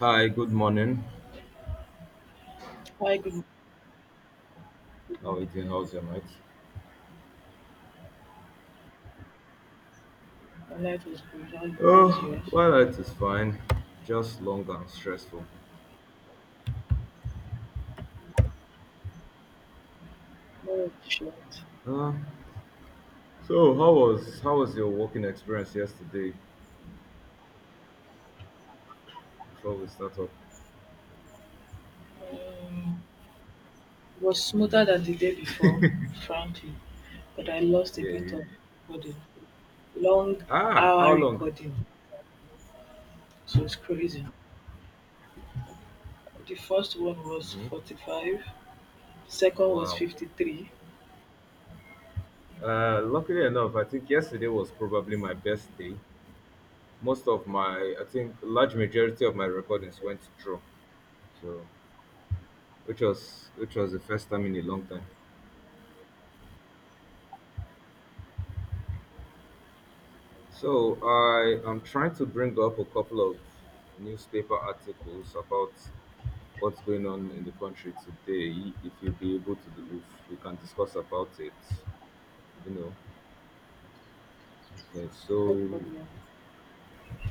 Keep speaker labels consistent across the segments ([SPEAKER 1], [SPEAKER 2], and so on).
[SPEAKER 1] Hi, good morning.
[SPEAKER 2] Hi, good, good
[SPEAKER 1] How are you
[SPEAKER 2] morning.
[SPEAKER 1] doing? How's your night?
[SPEAKER 2] My life was good. How was
[SPEAKER 1] Oh,
[SPEAKER 2] yours?
[SPEAKER 1] my night is fine. Just long and stressful.
[SPEAKER 2] Mine was short.
[SPEAKER 1] Uh, so how was your working experience yesterday before we start up?
[SPEAKER 2] Um, it was smoother than the day before, frankly, but I lost a
[SPEAKER 1] Yeah, yeah,
[SPEAKER 2] bit
[SPEAKER 1] yeah.
[SPEAKER 2] of recording. Long
[SPEAKER 1] Ah,
[SPEAKER 2] hour
[SPEAKER 1] how long?
[SPEAKER 2] recording, so it's crazy. The first one was
[SPEAKER 1] Hmm.
[SPEAKER 2] 45, second was
[SPEAKER 1] Wow.
[SPEAKER 2] 53.
[SPEAKER 1] Luckily enough, I think yesterday was probably my best day. Most of my, I think, large majority of my recordings went through. So, which was the first time in a long time. So I am trying to bring up a couple of newspaper articles about what's going on in the country today. If you'll be able to, do, if we can discuss about it, you know. Okay,
[SPEAKER 2] No
[SPEAKER 1] so
[SPEAKER 2] problem.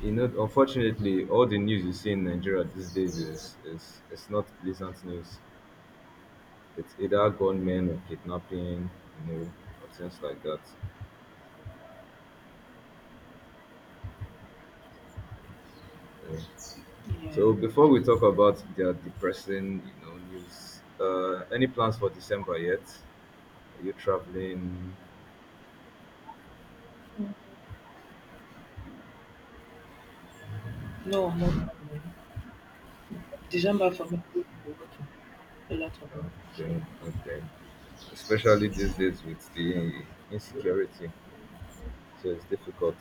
[SPEAKER 1] you know, unfortunately, all the news you see in Nigeria these days is it's not pleasant news. It's either gunmen or kidnapping, you know, or things like that. You
[SPEAKER 2] Yeah.
[SPEAKER 1] so before we talk about their depressing, you know, news, any plans for December yet? Are you traveling?
[SPEAKER 2] No, no problem. December for me, will be working, a lot of work. So.
[SPEAKER 1] Okay, okay. Especially these days with the insecurity, so it's difficult.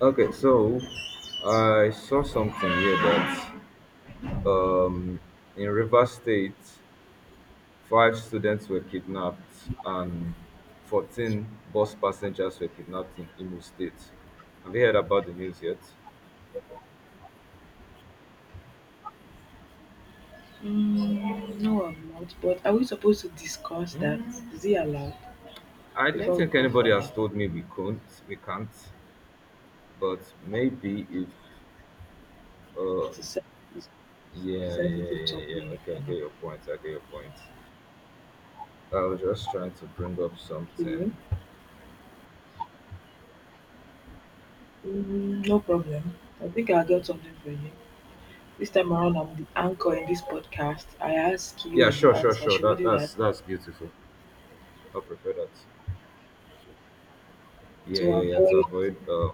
[SPEAKER 1] Okay, so I saw something here that in Rivers State, five students were kidnapped and 14 bus passengers were kidnapped in Imo State. Have you heard about the news yet?
[SPEAKER 2] Mm, no, I'm not. But are we supposed to discuss that? Is it allowed
[SPEAKER 1] I don't
[SPEAKER 2] before we
[SPEAKER 1] think
[SPEAKER 2] go
[SPEAKER 1] anybody
[SPEAKER 2] further?
[SPEAKER 1] has told me we couldn't, we can't, but maybe if uh,
[SPEAKER 2] It's a sen- it's a
[SPEAKER 1] yeah, yeah,
[SPEAKER 2] sensitive
[SPEAKER 1] yeah, yeah.
[SPEAKER 2] topic.
[SPEAKER 1] Okay, I
[SPEAKER 2] And
[SPEAKER 1] get your point. I get your point. I was just trying to bring up
[SPEAKER 2] okay.
[SPEAKER 1] something.
[SPEAKER 2] Mm, no problem. I think I got something for you. This time around, I'm the anchor in this podcast. I ask you
[SPEAKER 1] Yeah,
[SPEAKER 2] and you
[SPEAKER 1] sure, sure,
[SPEAKER 2] answer.
[SPEAKER 1] sure.
[SPEAKER 2] Should we
[SPEAKER 1] That
[SPEAKER 2] do that
[SPEAKER 1] that's that's beautiful. I prefer that. Yeah,
[SPEAKER 2] to
[SPEAKER 1] yeah, yeah. To
[SPEAKER 2] avoid
[SPEAKER 1] avoid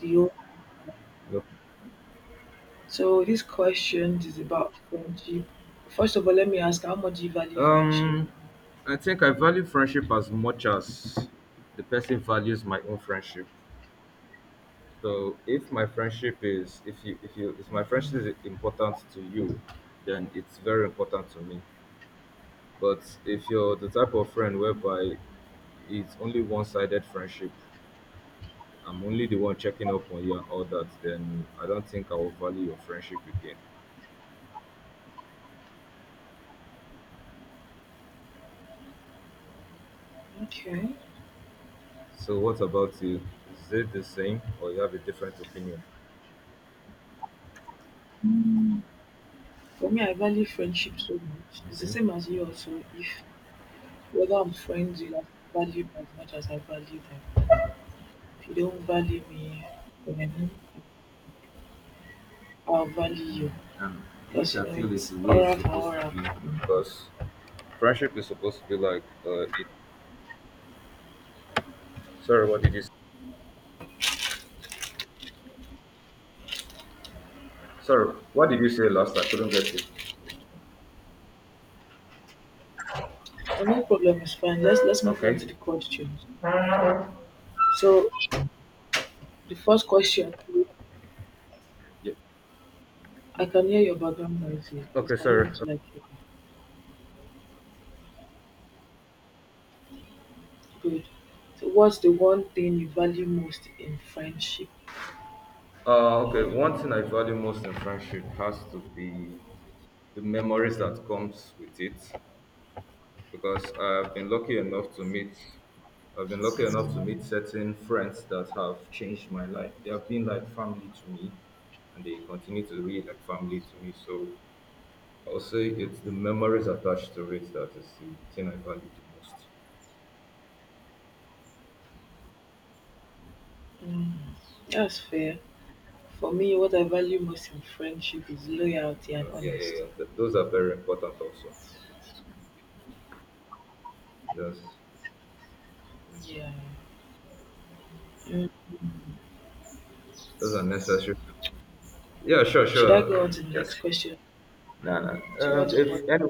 [SPEAKER 2] the? o-
[SPEAKER 1] no.
[SPEAKER 2] So this question is about friendship. First of all, let me ask: how much do you value friendship?
[SPEAKER 1] um, I think I value friendship as much as the person values my own friendship. So if my friendship is if my friendship
[SPEAKER 2] Mm,
[SPEAKER 1] is important to you, then it's very important to me. But if you're the type of friend whereby it's only one-sided friendship, I'm only the one checking up on you and all that, then I don't think I will value your friendship again.
[SPEAKER 2] okay.
[SPEAKER 1] So what about you? Is it the same or you have a different opinion?
[SPEAKER 2] For me, I value friendship so much. It's the
[SPEAKER 1] Okay.
[SPEAKER 2] same as you also. If whether I'm friends, you have to value me as much as I value them. If you don't value me, then I'll value you
[SPEAKER 1] And
[SPEAKER 2] because
[SPEAKER 1] which
[SPEAKER 2] you
[SPEAKER 1] I
[SPEAKER 2] know
[SPEAKER 1] feel is
[SPEAKER 2] it's
[SPEAKER 1] the way it's
[SPEAKER 2] aura for
[SPEAKER 1] supposed to
[SPEAKER 2] aura.
[SPEAKER 1] be.
[SPEAKER 2] Mhm.
[SPEAKER 1] Because friendship is supposed to be like it. Sorry, what did you? Sorry, what did you say last? I couldn't get you.
[SPEAKER 2] No problem, it's fine. Let's move on to
[SPEAKER 1] Okay.
[SPEAKER 2] the questions. So the first question,
[SPEAKER 1] Yeah.
[SPEAKER 2] I can hear your background noise here. Please,
[SPEAKER 1] Okay,
[SPEAKER 2] can you
[SPEAKER 1] sorry.
[SPEAKER 2] move to like your- good? So what's the one thing you value most in friendship?
[SPEAKER 1] Okay. One thing I value most in friendship has to be the memories that comes with it because I've been lucky enough to meet certain friends that have changed my life. They have been like family to me and they continue to be like family to me. So I'll say it's the memories attached to it that is the thing I value the most.
[SPEAKER 2] Mm, that's fair. For me, what I value most in friendship is loyalty and
[SPEAKER 1] Yeah, yeah,
[SPEAKER 2] honesty.
[SPEAKER 1] yeah. Those are very important also. Those
[SPEAKER 2] Yeah. Mm.
[SPEAKER 1] those are necessary. Yeah, sure,
[SPEAKER 2] Should I
[SPEAKER 1] sure.
[SPEAKER 2] go on to the next
[SPEAKER 1] Just
[SPEAKER 2] question?
[SPEAKER 1] nah, nah.
[SPEAKER 2] Do you want to but
[SPEAKER 1] If any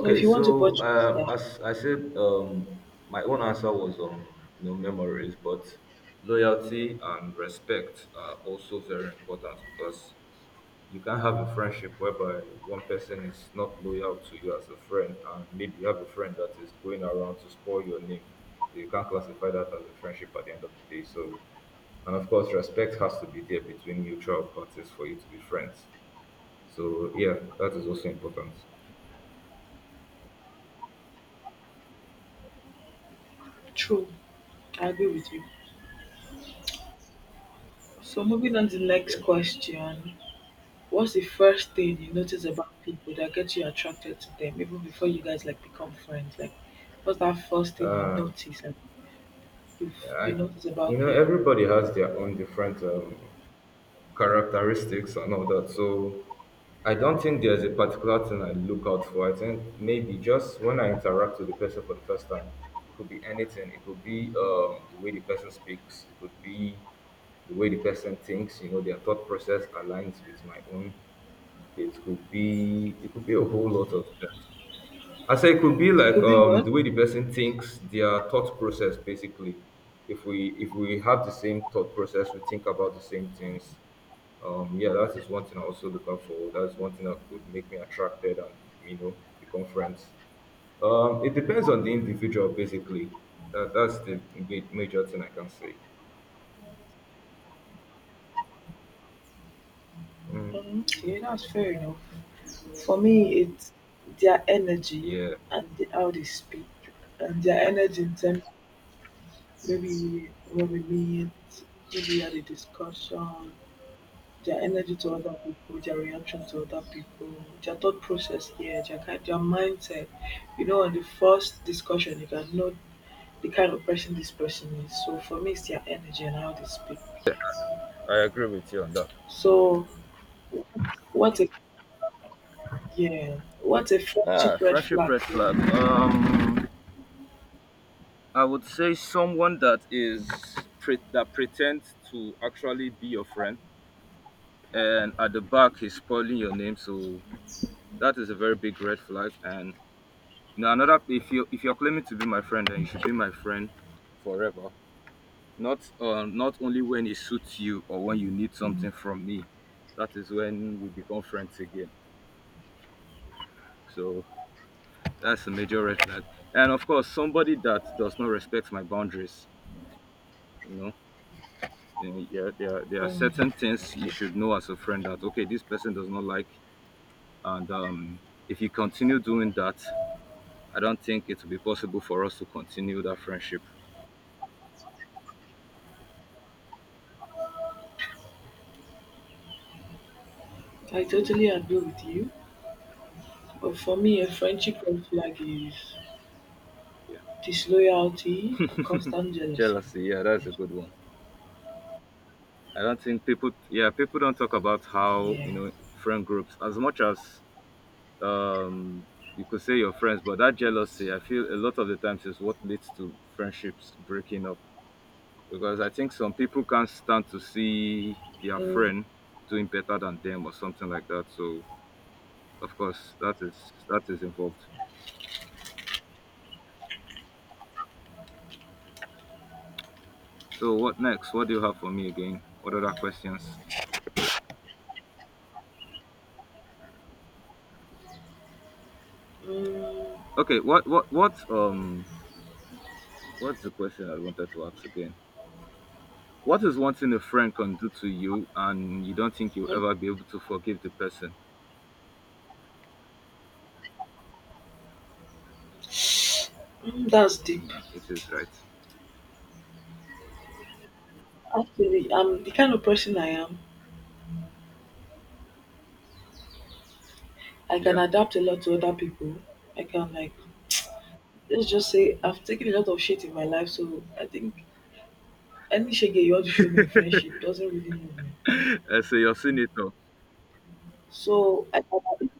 [SPEAKER 2] no? If you want to
[SPEAKER 1] so
[SPEAKER 2] buttress that,
[SPEAKER 1] as I said, my own answer was on no memories, but loyalty and respect are also very important because you can have a friendship whereby one person is not loyal to you as a friend, and maybe you have a friend that is going around to spoil your name. So you can't classify that as a friendship at the end of the day. So and of course, respect has to be there between mutual parties for you to be friends. So, yeah, that is also important.
[SPEAKER 2] true. I agree with you. So moving on to the next question. What's the first thing you notice about people that gets you attracted to them, even before you guys like become friends? Like, what's that first thing you notice? Like, you
[SPEAKER 1] Yeah, I,
[SPEAKER 2] you notice
[SPEAKER 1] you
[SPEAKER 2] about
[SPEAKER 1] know,
[SPEAKER 2] people?
[SPEAKER 1] everybody has their own different characteristics and all that. So I don't think there's a particular thing I look out for. I think maybe just when I interact with the person for the first time, it could be anything. It could be the way the person speaks. It could be the way the person thinks. You know, their thought process aligns with my own. It could be a whole lot of things. I say it could be
[SPEAKER 2] It
[SPEAKER 1] like
[SPEAKER 2] could be one.
[SPEAKER 1] the way the person thinks, their thought process basically. If we have the same thought process, we think about the same things. Yeah, that is one thing I also look out for. That's one thing that could make me attracted and you know become friends. It depends on the individual basically. That's the major thing I can say. Mm,
[SPEAKER 2] Mm, yeah, that's fair enough. For me it's their energy
[SPEAKER 1] yeah.
[SPEAKER 2] and the, how they speak and their energy in terms, maybe when we meet, maybe we had a discussion, their energy to other people, their reaction to other people, their thought process here, their, kind- their mindset, you know, on the first discussion you can know the kind of person this person is. So for me it's their energy and how they speak.
[SPEAKER 1] I agree with you on that.
[SPEAKER 2] So what a, yeah, what a
[SPEAKER 1] Ah,
[SPEAKER 2] friendship red
[SPEAKER 1] friendship
[SPEAKER 2] flag
[SPEAKER 1] red
[SPEAKER 2] for
[SPEAKER 1] flag.
[SPEAKER 2] you?
[SPEAKER 1] I would say someone that pretends to actually be your friend, and at the back he's spoiling your name. So that is a very big red flag. And you know, another if you're claiming to be my friend, then you should be my friend forever. Not not only when it suits you or when you need something from me. That is when we become friends again. So that's a major red flag. And of course, somebody that does not respect my boundaries. You know, and yeah, there are
[SPEAKER 2] Mm,
[SPEAKER 1] certain things you
[SPEAKER 2] okay,
[SPEAKER 1] should know as a friend that okay, this person does not like, and if you continue doing that, I don't think it will be possible for us to continue that friendship.
[SPEAKER 2] I totally agree with you. But for me, a friendship red flag is
[SPEAKER 1] Yeah,
[SPEAKER 2] disloyalty and constant jealousy.
[SPEAKER 1] jealousy. Yeah, that's a good one. I don't think people. Yeah, people don't talk about how you
[SPEAKER 2] Yeah.
[SPEAKER 1] know friend groups as much as um you could say your friends, but that jealousy, I feel a lot of the times is what leads to friendships breaking up. Because I think some people can't stand to see their
[SPEAKER 2] Mm,
[SPEAKER 1] friend doing better than them or something like that. So of course that is involved. So what next? What do you have for me again? What other questions?
[SPEAKER 2] mm,
[SPEAKER 1] Okay, what's the question I wanted to ask again? What is one thing a friend can do to you and you don't think you'll
[SPEAKER 2] mm,
[SPEAKER 1] ever be able to forgive the person?
[SPEAKER 2] that's deep.
[SPEAKER 1] Mm, it is right.
[SPEAKER 2] Actually, I'm the kind of person I am. I can
[SPEAKER 1] Yeah.
[SPEAKER 2] adapt a lot to other people. I can like, let's just say I've taken a lot of shit in my life, so I think any shege you want to show me in friendship doesn't really move me.
[SPEAKER 1] So you're senator.
[SPEAKER 2] So I can,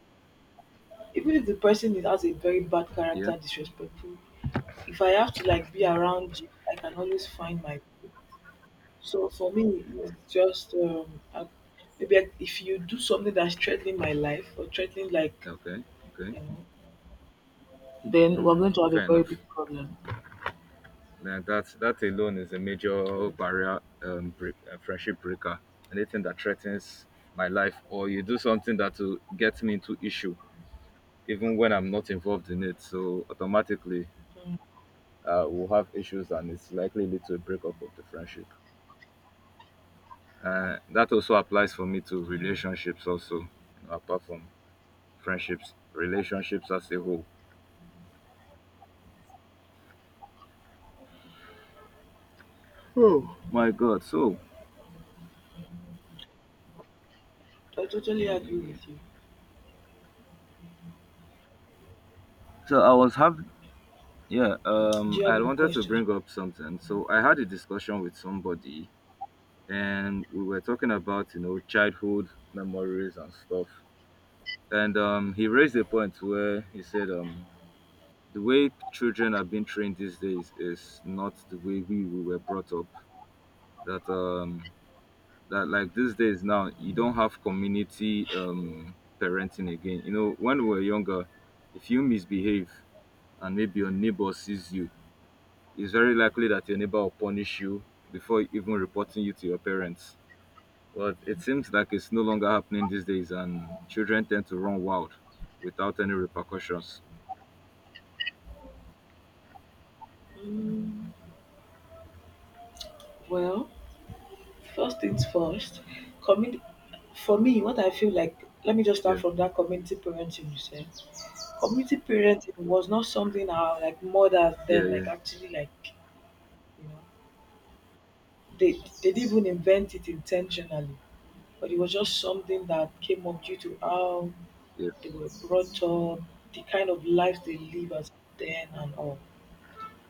[SPEAKER 2] even if the person is- has a very bad character,
[SPEAKER 1] Yeah.
[SPEAKER 2] disrespectful, if I have to like be around you, I can always find my people. So for me, it's just if you do something that's threatening my life or threatening like
[SPEAKER 1] Okay. Okay.
[SPEAKER 2] you know, then we're
[SPEAKER 1] Mm,
[SPEAKER 2] going to have a
[SPEAKER 1] fair
[SPEAKER 2] very
[SPEAKER 1] enough.
[SPEAKER 2] big problem.
[SPEAKER 1] Now that that alone is a major barrier, friendship breaker. Anything that threatens my life, or you do something that will get me into issue, even when I'm not involved in it. So automatically, we'll have issues, and it's likely lead to a breakup of the friendship. That also applies for me to
[SPEAKER 2] Yeah,
[SPEAKER 1] relationships, also, you know, apart from friendships, relationships as a whole. Oh my God! So
[SPEAKER 2] I
[SPEAKER 1] yeah,
[SPEAKER 2] totally agree
[SPEAKER 1] yeah, yeah.
[SPEAKER 2] with you.
[SPEAKER 1] So I was having yeah,
[SPEAKER 2] Do you have
[SPEAKER 1] I
[SPEAKER 2] more
[SPEAKER 1] wanted to
[SPEAKER 2] questions?
[SPEAKER 1] bring up something. So I had a discussion with somebody, and we were talking about you know childhood memories and stuff. And he raised a point where he said, the way children are being trained these days is not the way we were brought up. That that like these days now, you don't have community parenting again. You know, when we were younger, if you misbehave and maybe your neighbor sees you it's very likely that your neighbor will punish you before even reporting you to your parents. But it seems like it's no longer happening these days, and children tend to run wild without any repercussions.
[SPEAKER 2] Mm, well, first things first, community. For me, what I feel like, let me just start
[SPEAKER 1] Yeah,
[SPEAKER 2] from that community parenting you said. Community parenting was not something our like mothers
[SPEAKER 1] yeah,
[SPEAKER 2] then like
[SPEAKER 1] yeah,
[SPEAKER 2] actually like you know they they didn't even invent it intentionally, but it was just something that came up due to how
[SPEAKER 1] yeah.
[SPEAKER 2] they were brought up, the kind of lives they live as then and all.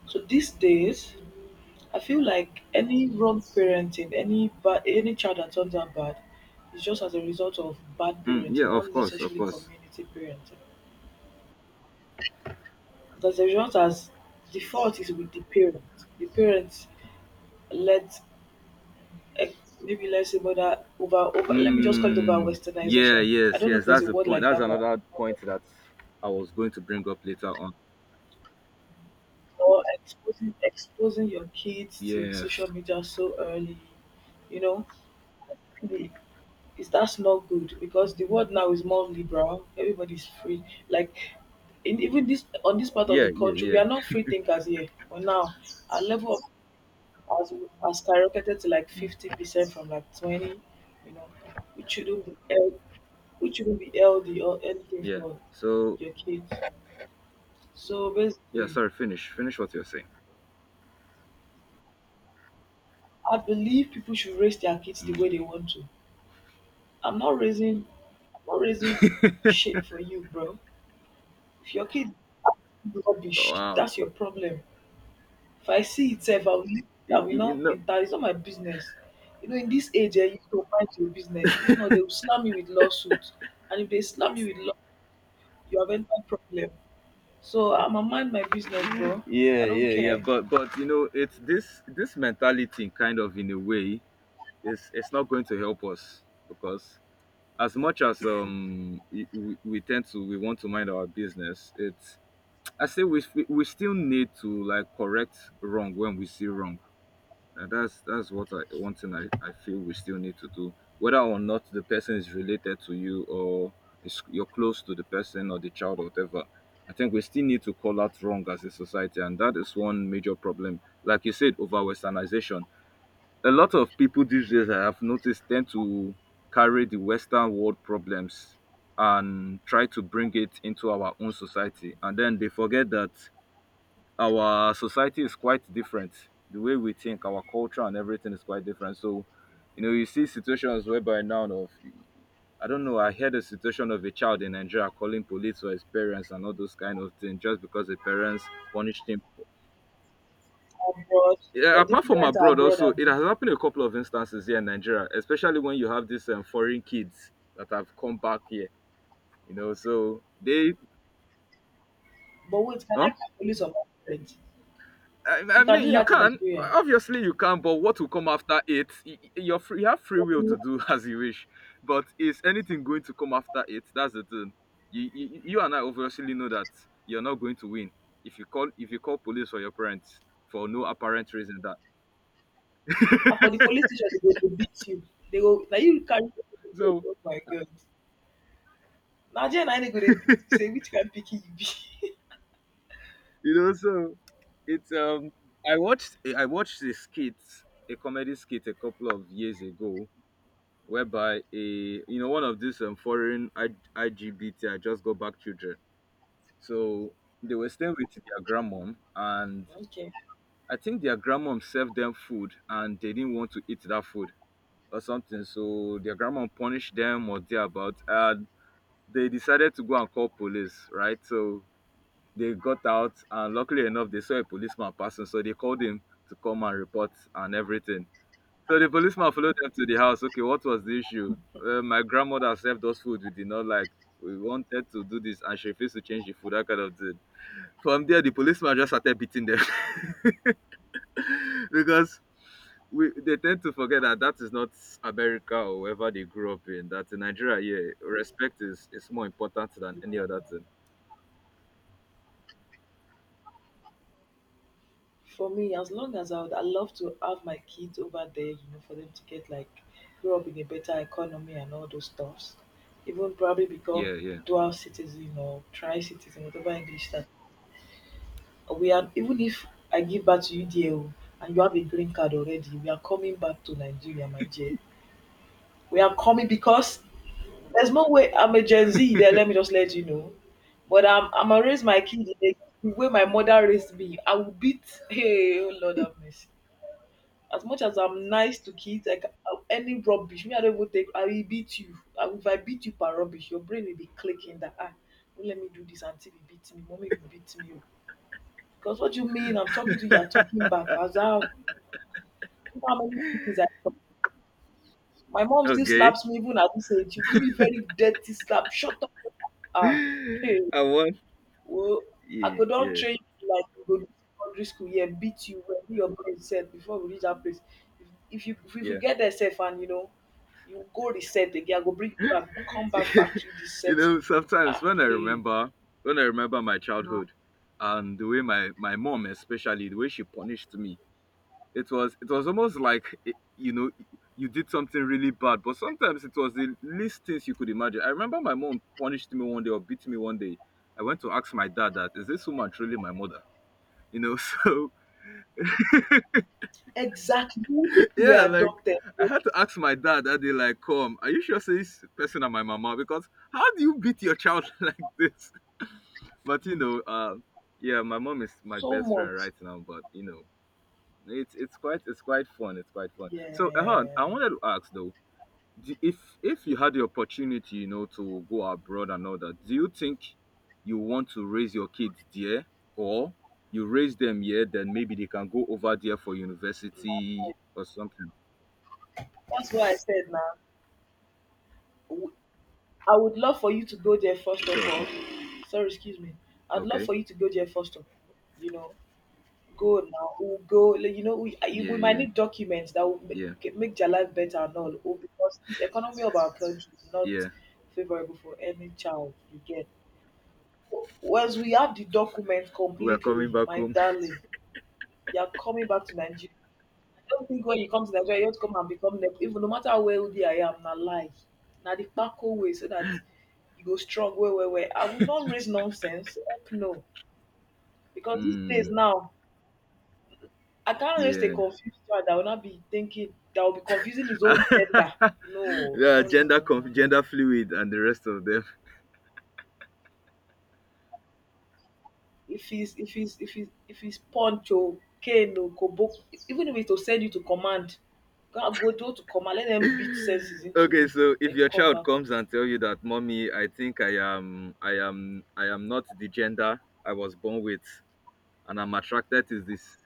[SPEAKER 2] So these days, I feel like any wrong parenting, any bad, any child that turns out bad, is just as a result of bad
[SPEAKER 1] Mm, yeah,
[SPEAKER 2] parenting, not
[SPEAKER 1] of course, of
[SPEAKER 2] necessarily
[SPEAKER 1] course.
[SPEAKER 2] community parenting. That's the result as the fault is with the parent. The parents let's eh, maybe let's say whether over over let me just call it over
[SPEAKER 1] Mm, yeah,
[SPEAKER 2] westernization. I
[SPEAKER 1] yes,
[SPEAKER 2] don't know if
[SPEAKER 1] yes.
[SPEAKER 2] there's
[SPEAKER 1] That's
[SPEAKER 2] a
[SPEAKER 1] the
[SPEAKER 2] word
[SPEAKER 1] point.
[SPEAKER 2] like
[SPEAKER 1] That's
[SPEAKER 2] that, but
[SPEAKER 1] another point that I was going to bring up later on.
[SPEAKER 2] or exposing your kids to social
[SPEAKER 1] Yes.
[SPEAKER 2] media so early, you know, really, is that's not good because the world now is more liberal. Everybody's free. Like in even this on this part of the
[SPEAKER 1] Yeah, yeah,
[SPEAKER 2] country, we
[SPEAKER 1] yeah.
[SPEAKER 2] are not free thinkers here. But now our level of has has skyrocketed to like
[SPEAKER 1] Mm,
[SPEAKER 2] 50% from like 20, you know, which shouldn't be held, which shouldn't be healthy or anything
[SPEAKER 1] yeah.
[SPEAKER 2] for
[SPEAKER 1] So,
[SPEAKER 2] your kids. So
[SPEAKER 1] yeah,
[SPEAKER 2] basically,
[SPEAKER 1] sorry, finish. Finish what you're saying.
[SPEAKER 2] I believe people should raise their kids the way
[SPEAKER 1] Mm.
[SPEAKER 2] they want to. I'm not raising, I'm not raising shit for you, bro. If your kid acts rubbish,
[SPEAKER 1] Wow.
[SPEAKER 2] that's your problem. If I see it sef, I will leave it. I
[SPEAKER 1] You,
[SPEAKER 2] will
[SPEAKER 1] you
[SPEAKER 2] not
[SPEAKER 1] know,
[SPEAKER 2] enter. It's not my business. You know, in this age you need to mind your business. If not, they will slam you with lawsuit. And if they slam you with law, you have entered problem. So I'ma mind my business, bro. I
[SPEAKER 1] yeah
[SPEAKER 2] don't
[SPEAKER 1] yeah yeah
[SPEAKER 2] care.
[SPEAKER 1] but you know it's this mentality kind of in a way is it's not going to help us because as much as we tend to we want to mind our business it's I say we still need to like correct wrong when we see wrong and that's what I one thing I feel we still need to do. Whether or not the person is related to you or is you're close to the person or the child or whatever, I think we still need to call out wrong as a society, and that is one major problem. Like you said, over westernization. A lot of people these days I have noticed tend to carry the Western world problems and try to bring it into our own society. And then they forget that our society is quite different. The way we think, our culture and everything is quite different. So, you know, you see situations whereby now of I don't know, I heard a situation of a child in Nigeria calling police for his parents and all those kind of things just because the parents punished him.
[SPEAKER 2] Abroad,
[SPEAKER 1] Yeah,
[SPEAKER 2] but the
[SPEAKER 1] apart from
[SPEAKER 2] parents are
[SPEAKER 1] abroad
[SPEAKER 2] abroad,
[SPEAKER 1] also, it
[SPEAKER 2] abi.
[SPEAKER 1] has happened a couple of instances here in Nigeria, especially when you have these foreign kids that have come back here, you know, so they,
[SPEAKER 2] But wait, can
[SPEAKER 1] huh?
[SPEAKER 2] I call police on my parents?
[SPEAKER 1] I,
[SPEAKER 2] You
[SPEAKER 1] I
[SPEAKER 2] can
[SPEAKER 1] mean,
[SPEAKER 2] do
[SPEAKER 1] you
[SPEAKER 2] that in
[SPEAKER 1] can.
[SPEAKER 2] Nigeria.
[SPEAKER 1] Obviously, you can. But what will come after it? You're free. You have free will
[SPEAKER 2] And
[SPEAKER 1] to do as you wish. But is anything going to come after it? That's the thing. You and I obviously know that you're not going to win if you call police or your parents for no apparent reason. That
[SPEAKER 2] for the police station, they go dey beat you. They go, now you carry.
[SPEAKER 1] so
[SPEAKER 2] Oh my God. Nigeria na im dey go dey beat you. Say which kind picky you be.
[SPEAKER 1] you know so it's I watched a skit, a comedy skit, a couple of years ago, whereby a you know one of these foreign IGBT I just go back children. So they were staying with their grandmom, and
[SPEAKER 2] Okay.
[SPEAKER 1] I think their grandmom served them food, and they didn't want to eat that food or something. So their grandmom punished them or thereabout, and they decided to go and call police. Right, so they got out, and luckily enough, they saw a policeman passing, so they called him to come and report and everything. So the policeman followed them to the house. Okay, what was the issue? My grandmother served us food we did not like. We wanted to do this, and she refused to change the food. That kind of thing. From there, the policeman just started beating them because we they tend to forget that that is not America or wherever they grew up in. That in Nigeria, yeah, respect is more important than any other thing.
[SPEAKER 2] For me, as long as I would, I love to have my kids over there, you know, for them to get like grow up in a better economy and all those stuffs. Even probably become
[SPEAKER 1] Yeah, yeah.
[SPEAKER 2] dual citizen or tri citizen, whatever English that we are. Even if I give back to you, dear, oh, and you have a green card already, we are coming back to Nigeria, my dear. We are coming because there's no way I'm a Gen Z. There, let me just let you know. But I'm gonna raise my kid in the way my mother raised me. I will beat. Hey, oh Lord have mercy. As much as I'm nice to kids, like any rubbish, me I don't even take. I will beat you. I, if I beat you per rubbish, your brain will be clicking that ah, don't let me do this until you beat me. Mommy will beat me. Because what do you mean? I'm talking to you. You're talking back. I was out. You know how many things I talk. My mom still
[SPEAKER 1] Okay.
[SPEAKER 2] slaps me even at this age. You give me very dirty slap. Shut up. Ah, hey.
[SPEAKER 1] I want.
[SPEAKER 2] Well, I
[SPEAKER 1] Yeah,
[SPEAKER 2] go not
[SPEAKER 1] yeah,
[SPEAKER 2] train you like you go do secondary school here, beat you wettle your brain set before we reach that place. If we
[SPEAKER 1] yeah.
[SPEAKER 2] get there safe and you know, you go reset again, I go bring you back, come back factory dis setting, you go
[SPEAKER 1] Sometimes
[SPEAKER 2] ah
[SPEAKER 1] when I
[SPEAKER 2] hey.
[SPEAKER 1] remember my childhood, and the way my mom, especially the way she punished me, it was almost like, you did something really bad, but sometimes it was the least things you could imagine. I remember my mom punished me one day, or beat me one day. I went to ask my dad, that is this woman truly my mother, So
[SPEAKER 2] Exactly, you will think you
[SPEAKER 1] yeah,
[SPEAKER 2] were
[SPEAKER 1] like,
[SPEAKER 2] adopted.
[SPEAKER 1] I had to ask my dad that day, like, come, are you sure say this person and my mama, because how do you beat your child like this? But yeah, my mom is my
[SPEAKER 2] So
[SPEAKER 1] best friend
[SPEAKER 2] much.
[SPEAKER 1] right now, but it's quite fun. So I
[SPEAKER 2] Yeah.
[SPEAKER 1] wanted to ask though, if you had the opportunity, to go abroad and all that, do you think you want to raise your kids there, or you raise them here, then maybe they can go over there for university or something?
[SPEAKER 2] That's why I said na, w I would love for you to go there first of
[SPEAKER 1] Sure.
[SPEAKER 2] all.
[SPEAKER 1] No.
[SPEAKER 2] Sorry, excuse me. I'd love
[SPEAKER 1] Okay.
[SPEAKER 2] for you to go there first of all, you know. Go now, we go. Like, you know, we uh,
[SPEAKER 1] Yeah,
[SPEAKER 2] we might
[SPEAKER 1] yeah,
[SPEAKER 2] need documents that will make,
[SPEAKER 1] yeah,
[SPEAKER 2] make their life better and all. Oh, because this economy of our country is not
[SPEAKER 1] yeah.
[SPEAKER 2] favorable for any child you get. Once we have the document
[SPEAKER 1] We are coming
[SPEAKER 2] completely,
[SPEAKER 1] back
[SPEAKER 2] my
[SPEAKER 1] home.
[SPEAKER 2] darling, you're coming back to Nigeria. I don't think when you come to Nigeria, you have to come and become Nep- even no matter how wealthy I am, na lie. Na the kpako way so that you go strong well, well, well. I will not raise nonsense. Heck no. Because these days
[SPEAKER 1] Mm.
[SPEAKER 2] now, I can't raise a
[SPEAKER 1] Yeah.
[SPEAKER 2] confused child that will not be thinking that will be confusing his own gender. No,
[SPEAKER 1] Yeah,
[SPEAKER 2] no, no,
[SPEAKER 1] gender
[SPEAKER 2] no, no,
[SPEAKER 1] conf-
[SPEAKER 2] No.
[SPEAKER 1] gender fluid, and the rest of them.
[SPEAKER 2] If he's if he's if he's if he's punch or cane or kobo, even if it's to send you to command, to command. Let them beat senses into
[SPEAKER 1] Okay,
[SPEAKER 2] you,
[SPEAKER 1] so if
[SPEAKER 2] then
[SPEAKER 1] your
[SPEAKER 2] come
[SPEAKER 1] child
[SPEAKER 2] back home.
[SPEAKER 1] comes and tell you that mommy, I think I am not the gender I was born with, and I'm attracted to this.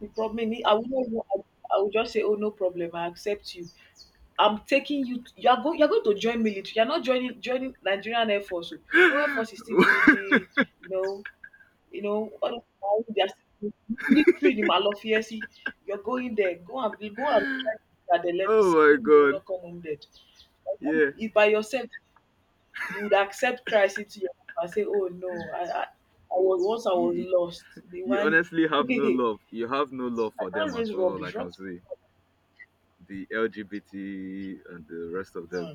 [SPEAKER 2] The problem, me, I will not. I will just say, oh no problem, I accept you. I'm taking you. To, you are going. You are going to join military. You are not joining Nigerian Air Force. Oh. No Air Force is still bougie. No. You know, all of them, they are still literally in Malafiesi. You're going there. Go and go and try to. Let me
[SPEAKER 1] Oh
[SPEAKER 2] see.
[SPEAKER 1] my
[SPEAKER 2] Maybe you will
[SPEAKER 1] god.
[SPEAKER 2] not come home dead. By the time
[SPEAKER 1] Yeah.
[SPEAKER 2] you- if by yourself, you would accept Christ into your life and say, "Oh no, I
[SPEAKER 1] Oh,
[SPEAKER 2] was once I was
[SPEAKER 1] you,
[SPEAKER 2] lost. They
[SPEAKER 1] you
[SPEAKER 2] want
[SPEAKER 1] honestly have no
[SPEAKER 2] me."
[SPEAKER 1] love you have no love
[SPEAKER 2] I
[SPEAKER 1] for them
[SPEAKER 2] can't
[SPEAKER 1] at
[SPEAKER 2] raise
[SPEAKER 1] all, I
[SPEAKER 2] rubbish.
[SPEAKER 1] can
[SPEAKER 2] Rubbish.
[SPEAKER 1] see. The LGBT and the rest of them.
[SPEAKER 2] Hmm.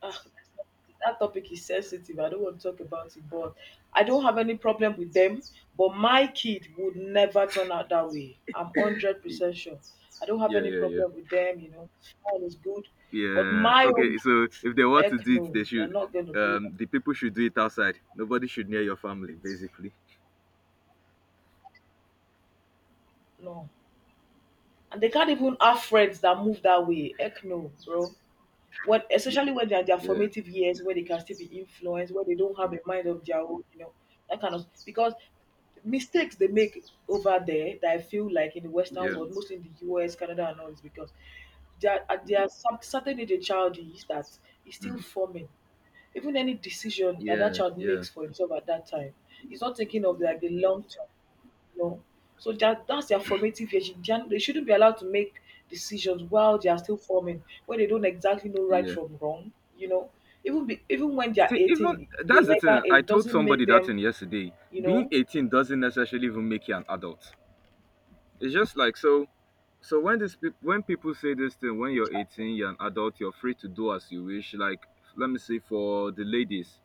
[SPEAKER 2] Ah. That topic is sensitive. I don't want to talk about it, but I don't have any problem with them. But my kid would never turn out that way. I'm hundred
[SPEAKER 1] Yeah,
[SPEAKER 2] percent sure. I don't have
[SPEAKER 1] yeah,
[SPEAKER 2] any
[SPEAKER 1] yeah,
[SPEAKER 2] problem with them. You know, all is good. But
[SPEAKER 1] yeah.
[SPEAKER 2] my own
[SPEAKER 1] Okay, so
[SPEAKER 2] kids,
[SPEAKER 1] if they want to
[SPEAKER 2] heck
[SPEAKER 1] do it,
[SPEAKER 2] no,
[SPEAKER 1] they
[SPEAKER 2] they're
[SPEAKER 1] should.
[SPEAKER 2] not gonna be
[SPEAKER 1] The people should do it outside, nobody should near your family, basically.
[SPEAKER 2] no. And they can't even have friends that move that way. Heck no, bro. What, especially when they're their
[SPEAKER 1] Yeah.
[SPEAKER 2] formative years
[SPEAKER 1] Yeah.
[SPEAKER 2] where they can still be influenced, where they don't have a
[SPEAKER 1] Mm.
[SPEAKER 2] mind of their own, that kind of because mistakes they make over there that I feel like in the Western
[SPEAKER 1] Yeah.
[SPEAKER 2] world, mostly in the US, Canada, and all is because there are some certain age a child is that is still
[SPEAKER 1] Mm.
[SPEAKER 2] forming. Even any decision that
[SPEAKER 1] Yeah.
[SPEAKER 2] child
[SPEAKER 1] Yeah.
[SPEAKER 2] makes for himself at that time, he's not thinking of like the long term. No. So that's their formative years. They shouldn't be allowed to make decisions while they are still forming, when they don't exactly know right
[SPEAKER 1] Yeah.
[SPEAKER 2] from wrong. You know, even when they are
[SPEAKER 1] See, even,
[SPEAKER 2] 18, the
[SPEAKER 1] that's the
[SPEAKER 2] legal
[SPEAKER 1] thing. I
[SPEAKER 2] age
[SPEAKER 1] told
[SPEAKER 2] doesn't make
[SPEAKER 1] somebody that
[SPEAKER 2] them,
[SPEAKER 1] thing yesterday.
[SPEAKER 2] you
[SPEAKER 1] Being
[SPEAKER 2] know.
[SPEAKER 1] 18 doesn't necessarily even make you an adult. It's just like so. So when people say this thing, when you're 18, you're an adult, you're free to do as you wish. Like, let me say for the ladies,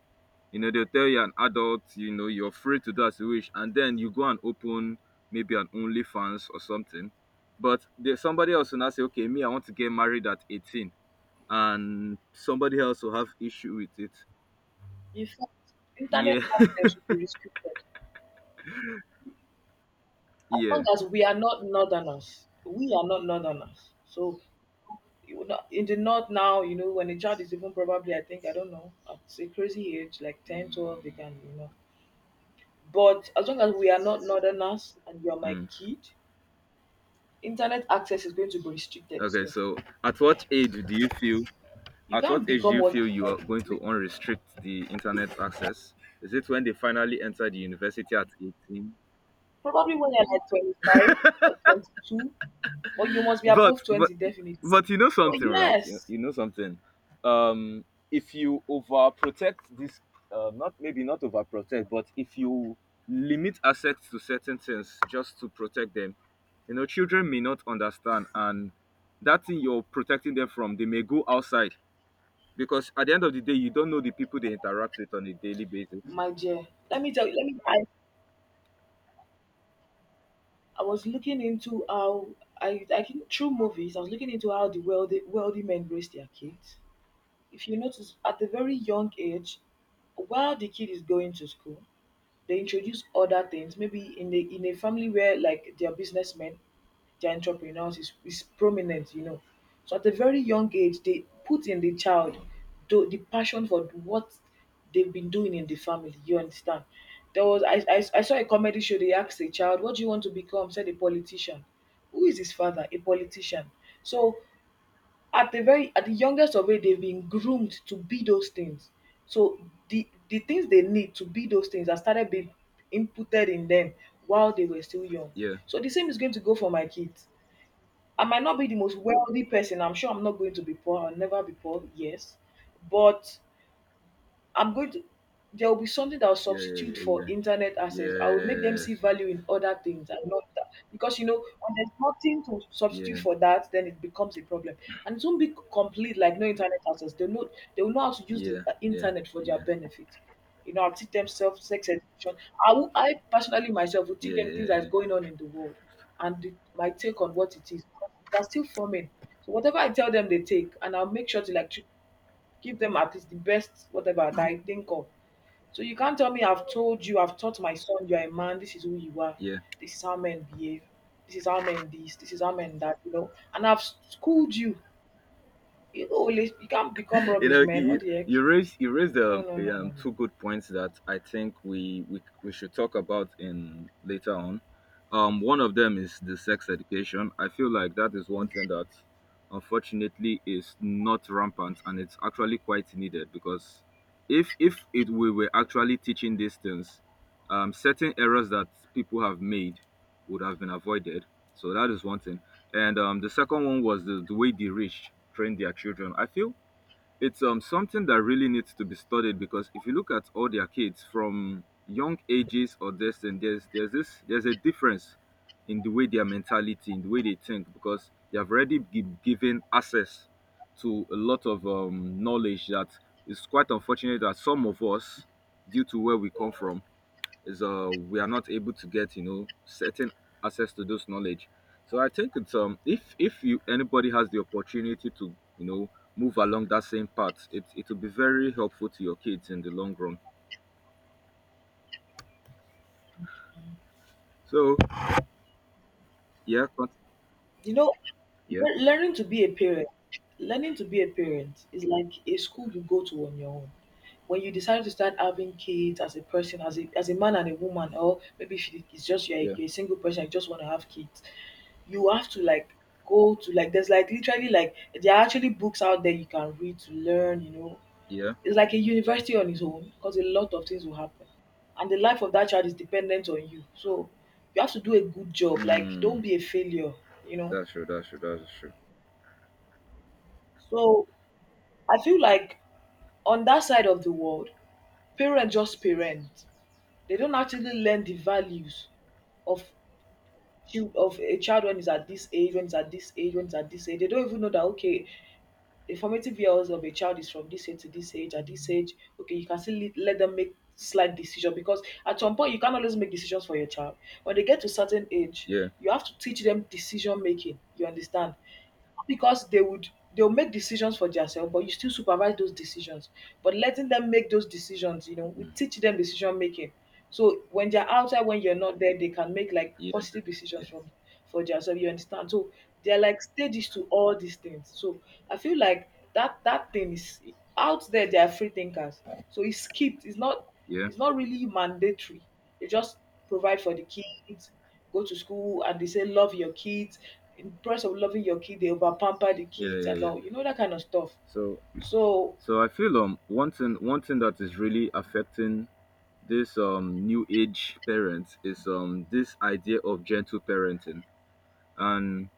[SPEAKER 1] they'll tell you an adult, you're free to do as you wish, and then you go and open maybe an OnlyFans or something. But there's somebody else will now say, okay, me, I want to get married at 18. And somebody else will have issue with it.
[SPEAKER 2] In fact, internet
[SPEAKER 1] Yeah,
[SPEAKER 2] access should be restricted. As long
[SPEAKER 1] yeah.
[SPEAKER 2] as we are not northerners, We are not northerners. So you know, in the north now, you know, when a child is even probably, I think, I don't know, at a crazy age, like ten, 12,
[SPEAKER 1] Mm.
[SPEAKER 2] they can, you know. But as long as we are not northerners and you are my
[SPEAKER 1] Mm.
[SPEAKER 2] kid, internet access is going to be restricted. So
[SPEAKER 1] Okay, so at what age do you feel?
[SPEAKER 2] you
[SPEAKER 1] At what
[SPEAKER 2] can't
[SPEAKER 1] age do
[SPEAKER 2] become
[SPEAKER 1] you
[SPEAKER 2] what you
[SPEAKER 1] feel you
[SPEAKER 2] want.
[SPEAKER 1] are going to
[SPEAKER 2] Be-
[SPEAKER 1] unrestrict the internet access? Is it when they finally enter the university at 18?
[SPEAKER 2] Probably when you're like 25 or 22, but you must be
[SPEAKER 1] But
[SPEAKER 2] above
[SPEAKER 1] but
[SPEAKER 2] 20 definitely.
[SPEAKER 1] but you know
[SPEAKER 2] Oh
[SPEAKER 1] something, right? You,
[SPEAKER 2] yes,
[SPEAKER 1] you know something. Um, if you overprotect this, not, maybe not overprotect, but if you limit access to certain things just to protect them, children may not understand, and that thing you're protecting them from, they may go outside, because at the end of the day, you don't know the people they interact with on a daily basis.
[SPEAKER 2] my dear. Let me tell you. I was looking into how I think through movies. I was looking into how the wealthy men raise their kids. If you notice, at a very young age, while the kid is going to school, they introduce other things maybe in a family where like their businessmen, their entrepreneurs is prominent, you know. So at a very young age they put in the child the passion for what they've been doing in the family, you understand. There was I, I i saw a comedy show. They asked a child, what do you want to become? Said a politician. Who is his father? A politician. So at the very, at the youngest of age, they've been groomed to be those things. So the things they need to be those things are started being inputted in them while they were still young.
[SPEAKER 1] Yeah,
[SPEAKER 2] So the same is going to go for my kids. I might not be the most wealthy person. I'm sure I'm not going to be poor. I'll never be poor, yes. But I'm going to There will be something that will
[SPEAKER 1] yeah, yeah,
[SPEAKER 2] substitute
[SPEAKER 1] yeah,
[SPEAKER 2] for
[SPEAKER 1] yeah.
[SPEAKER 2] internet access. I would make them see
[SPEAKER 1] Yes,
[SPEAKER 2] value in other things and not that. Because, you know, when there's nothing to
[SPEAKER 1] yeah,
[SPEAKER 2] substitute
[SPEAKER 1] yes.
[SPEAKER 2] for that, then it becomes a problem. And it won't be complete, like no internet access. They know, they will know how to use the
[SPEAKER 1] Yeah, yeah,
[SPEAKER 2] internet for
[SPEAKER 1] yeah,
[SPEAKER 2] their
[SPEAKER 1] yeah,
[SPEAKER 2] benefit. You know, I'll teach them self sex education. I personally myself will teach
[SPEAKER 1] yeah,
[SPEAKER 2] them things that's
[SPEAKER 1] yeah,
[SPEAKER 2] going on in the world and my take on what it is. They're still forming. So whatever I tell them, they take, and I'll make sure to like give them at least the best whatever that I think of. So you can't tell me. I've told you, I've taught my son, you are a man, this is who you are,
[SPEAKER 1] yeah.
[SPEAKER 2] this is how men behave, this is how men this, this is how men that, you know. And I've schooled you. You know, you can't become rubbish, man. What
[SPEAKER 1] You
[SPEAKER 2] the heck?
[SPEAKER 1] you raise you raised
[SPEAKER 2] No, no, no, no,
[SPEAKER 1] two good points that I think we should talk about in later on. One of them is the sex education. I feel like that is
[SPEAKER 2] no.
[SPEAKER 1] one
[SPEAKER 2] Mm.
[SPEAKER 1] thing that unfortunately is not rampant, and it's actually quite needed because if it we were actually teaching these things, certain errors that people have made would have been avoided. So that is one thing. And the second one was the way the rich train their children. I feel it's something that really needs to be studied, because if you look at all their kids from young ages or this, and there's a difference in the way their mentality, in the way they think, because they have already given access to a lot of knowledge that is quite unfortunate that some of us, due to where we come from, is we are not able to get certain access to those knowledge. So I think it's if you anybody has the opportunity to move along that same path, it will be very helpful to your kids in the long run. So yeah,
[SPEAKER 2] You know,
[SPEAKER 1] yeah,
[SPEAKER 2] Learning to be a parent, learning to be a parent is like a school you go to on your own. When you decide to start having kids as a person, as a man and a woman, or maybe if you- it's just
[SPEAKER 1] yeah,
[SPEAKER 2] you're a single person, you just want to have kids, you have to like go to like there's like literally like there are actually books out there you can read to learn. You know,
[SPEAKER 1] yeah.
[SPEAKER 2] it's like a university on its own because a lot of things will happen, and the life of that child is dependent on you. So you have to do a good job. Like don't
[SPEAKER 1] Mm.
[SPEAKER 2] be a failure. You know.
[SPEAKER 1] That's true, that's true, that's true.
[SPEAKER 2] So I feel like on that side of the world, parents just parent. They don't actually learn the values of of a child when he's at this age, when he's at this age, when he's at this age. They don't even know that okay, the formative years of a child is from this age to this age. At this age, okay, you can still let them make slight decision, because at some point you can't always make decisions for your child. When they get to certain age,
[SPEAKER 1] Yeah.
[SPEAKER 2] you have to teach them decision making. You understand? Because they'll make decisions for themselves, but you still supervise those decisions. But letting them make those decisions, you know, we
[SPEAKER 1] Mm.
[SPEAKER 2] teach them decision making. So when they're outside, when you're not there, they can make like
[SPEAKER 1] Yeah,
[SPEAKER 2] positive decisions
[SPEAKER 1] yeah,
[SPEAKER 2] from for themselves. You understand? So they're like stages to all these things. So I feel like that thing is out there. They are free thinkers. So it's skipped. It's not.
[SPEAKER 1] yeah,
[SPEAKER 2] It's not really mandatory. They just provide for the kids, go to school, and they say love your kids. In the process of loving your kid, they over pamper the
[SPEAKER 1] yeah,
[SPEAKER 2] kids
[SPEAKER 1] yeah,
[SPEAKER 2] and
[SPEAKER 1] yeah.
[SPEAKER 2] all, you know, that kind of stuff.
[SPEAKER 1] so
[SPEAKER 2] So,
[SPEAKER 1] so I feel one thing that is really affecting this new age parents is this idea of gentle parenting. And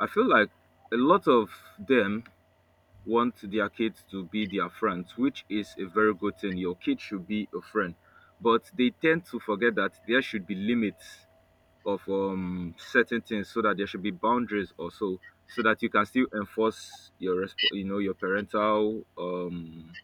[SPEAKER 1] I feel like a lot of them want their kids to be their friends, which is a very good thing. Your kid should be a friend, but they tend to forget that there should be limits of certain things, so that there should be boundaries also, so that you can still enforce your resp- you know your parental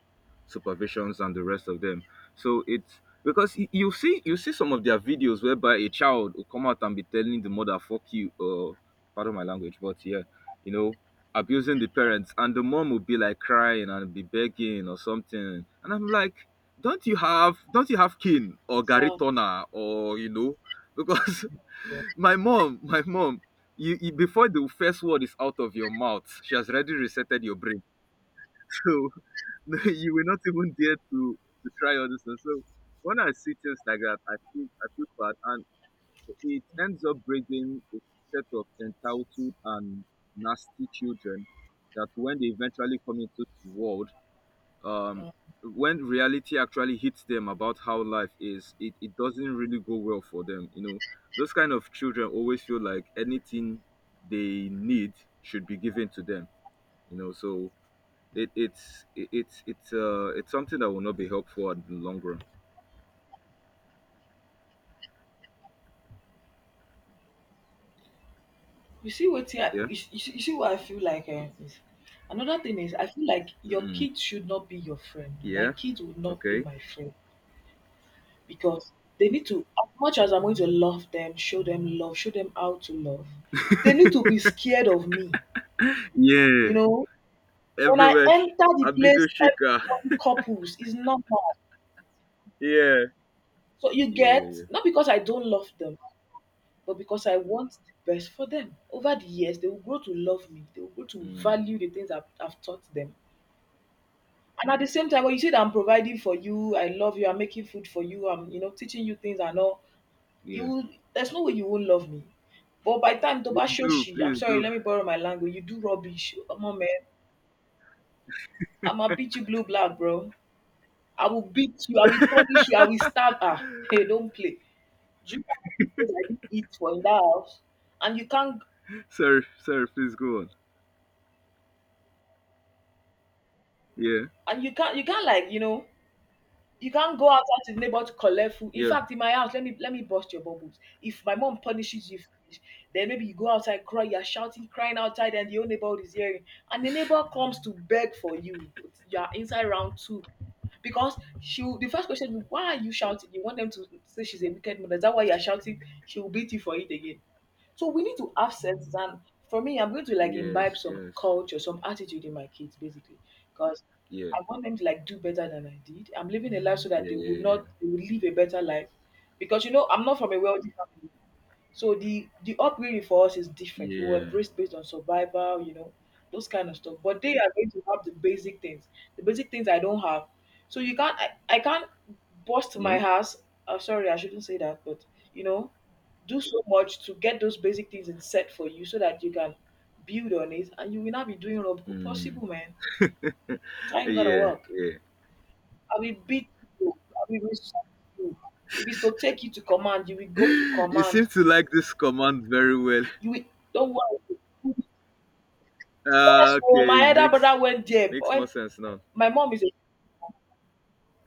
[SPEAKER 1] supervisions and the rest of them. So it's because you see some of their videos whereby a child will come out and be telling the mother "fuck you," pardon my language, but yeah, you know, abusing the parents, and the mom will be like crying and be begging or something, and I'm like, don't you have kin or
[SPEAKER 2] so
[SPEAKER 1] garitona because my mom. You, before the first word is out of your mouth, she has already resetted your brain. So you will not even dare to try all this. And so when I see things like that, I feel bad, and it ends up bringing a set of entitled and nasty children that when they eventually come into the world, um, when reality actually hits them about how life is, it doesn't really go well for them. Those kind of children always feel like anything they need should be given to them. So it, it's something that will not be helpful in the long run.
[SPEAKER 2] you see what I,
[SPEAKER 1] Yeah.
[SPEAKER 2] you see what I feel like. Is another thing. Is I feel like your
[SPEAKER 1] Mm-mm.
[SPEAKER 2] kids should not be your friend. My
[SPEAKER 1] Yeah.
[SPEAKER 2] kids will not be
[SPEAKER 1] Okay.
[SPEAKER 2] my friend because they need to as much as I'm going to love them, show them love, show them how to love. They need to be scared of me. You
[SPEAKER 1] Yeah.
[SPEAKER 2] know, when I
[SPEAKER 1] Everywhere.
[SPEAKER 2] enter the place,
[SPEAKER 1] Abido Shaker.
[SPEAKER 2] everyone couples is normal.
[SPEAKER 1] Yeah.
[SPEAKER 2] So you
[SPEAKER 1] Yeah. Yeah.
[SPEAKER 2] get?
[SPEAKER 1] Yeah.
[SPEAKER 2] Not because I don't love them, but because I want the best for them. Over the years, they will grow to love me. They will grow to
[SPEAKER 1] Mm.
[SPEAKER 2] value the things I've taught them. And at the same time, when you say that I'm providing for you, I love you, I'm making food for you, I'm you know teaching you things and all, you
[SPEAKER 1] Yeah.
[SPEAKER 2] will, there's no way you won't love me. But by the time Toba
[SPEAKER 1] Please do.
[SPEAKER 2] Shoshi, I'm
[SPEAKER 1] Please
[SPEAKER 2] sorry,
[SPEAKER 1] do.
[SPEAKER 2] let me borrow my language. You do rubbish. Come on, man. I'ma beat you blue black, bro. I will beat you, I will punish you, I will stab. Ah, hey, don't play. Do you know how many things I didn't eat for in that house? And you can't
[SPEAKER 1] Sorry. Sorry. Please go on. Yeah.
[SPEAKER 2] and you can't like, you know, you can't go outside to the neighbor to collect food. In
[SPEAKER 1] Yeah.
[SPEAKER 2] fact, in my house, let me bust your bubbles. If my mom punishes you for this, then maybe you go outside, cry, you're shouting, crying outside, and your neighbor is hearing. And the neighbor comes to beg for you. You're inside round two. Because she will, the first question is, why are you shouting? You want them to say she's a wicked mother. Is that why you're shouting? She will beat you for it again. So we need to have sense. And for me, I'm going to like imbibe
[SPEAKER 1] Yes.
[SPEAKER 2] some
[SPEAKER 1] Yes.
[SPEAKER 2] culture, some attitude in my kids, basically, because
[SPEAKER 1] Yeah.
[SPEAKER 2] I want them to like do better than I did. I'm living a life so that
[SPEAKER 1] Yeah.
[SPEAKER 2] they would
[SPEAKER 1] Yeah. Yeah.
[SPEAKER 2] not, they would live a better life. Because you know, I'm not from a wealthy family. So the upbringing for us is different. We were
[SPEAKER 1] Yeah.
[SPEAKER 2] raised based on survival, you know, those kind of stuff. But they are going to have the basic things I don't have. So you can't, I can't bust my
[SPEAKER 1] Yeah.
[SPEAKER 2] house. Sorry, I shouldn't say that, but you know, do so much to get those basic things in set for you so that you can build on it and you will not be doing rubbish.
[SPEAKER 1] Mm.
[SPEAKER 2] Possible, man. It ain't gonna
[SPEAKER 1] Yeah.
[SPEAKER 2] work.
[SPEAKER 1] Yeah.
[SPEAKER 2] I will beat you. I will insult you. If it's to take you to command, you will go to
[SPEAKER 1] You seem
[SPEAKER 2] command.
[SPEAKER 1] to like this command very well.
[SPEAKER 2] You will, don't worry.
[SPEAKER 1] Ah,
[SPEAKER 2] Yes, so
[SPEAKER 1] okay.
[SPEAKER 2] my elder
[SPEAKER 1] Makes
[SPEAKER 2] brother went there. But
[SPEAKER 1] makes more
[SPEAKER 2] when
[SPEAKER 1] sense now.
[SPEAKER 2] my mom is a,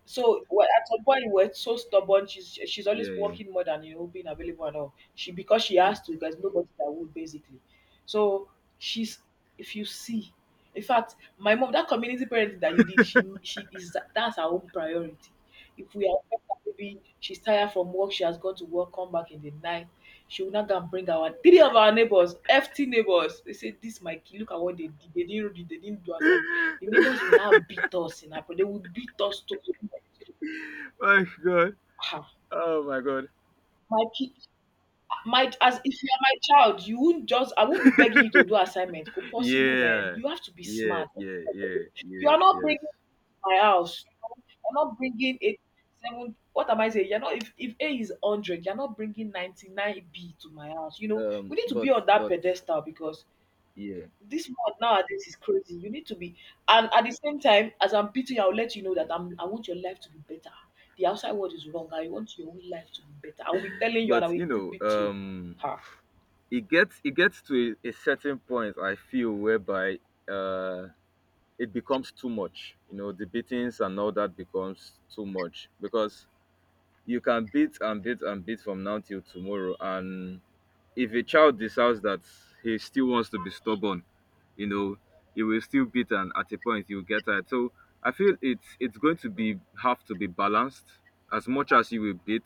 [SPEAKER 2] so, well, at some point, we we're so stubborn. She's always
[SPEAKER 1] Yeah, yeah,
[SPEAKER 2] working more than you know being available and all. She, because she
[SPEAKER 1] yeah.
[SPEAKER 2] has to. There's nobody that would basically. So she's, if you see, in fact, my mom, that community parenting that you did, she is that, that's her own priority. If we are maybe she's tired from work, she has gone to work, come back in the night. She will not go and bring our three of our neighbors, FT neighbors. They say, "This my kid. Look at what they did." They didn't do as the neighbors will now beat us in Apple. They will beat us to.
[SPEAKER 1] My god.
[SPEAKER 2] Ah,
[SPEAKER 1] Oh my god.
[SPEAKER 2] my ki my as if you are my child, you won't just I won't be begging you to do assignment. Ko possible, man.
[SPEAKER 1] Yeah.
[SPEAKER 2] You have to be
[SPEAKER 1] Yeah,
[SPEAKER 2] smart.
[SPEAKER 1] yeah, yeah.
[SPEAKER 2] You are
[SPEAKER 1] Yes,
[SPEAKER 2] not
[SPEAKER 1] yes.
[SPEAKER 2] bringing my house. You're not bringing a seven, what am I saying? You're not if if A is 100, you're not bringing 99 B to my house. You know, we need to be
[SPEAKER 1] But
[SPEAKER 2] on that
[SPEAKER 1] but
[SPEAKER 2] pedestal because
[SPEAKER 1] yeah.
[SPEAKER 2] this world nowadays is crazy. You need to be, and at the same time, as I'm beating you, I'll let you know that I want your life to be better. The outside world is wrong. I want your own life to be better. I will be telling you and I
[SPEAKER 1] But
[SPEAKER 2] will still beat you. Ha.
[SPEAKER 1] it gets to a certain point I feel, whereby uh it becomes too much. The beatings and all that becomes too much, because you can beat and beat and beat from now till tomorrow, and if a child decides that he still wants to be stubborn, you know, he will still beat and at a point he will get tired. So I feel it's going to be have to be balanced. As much as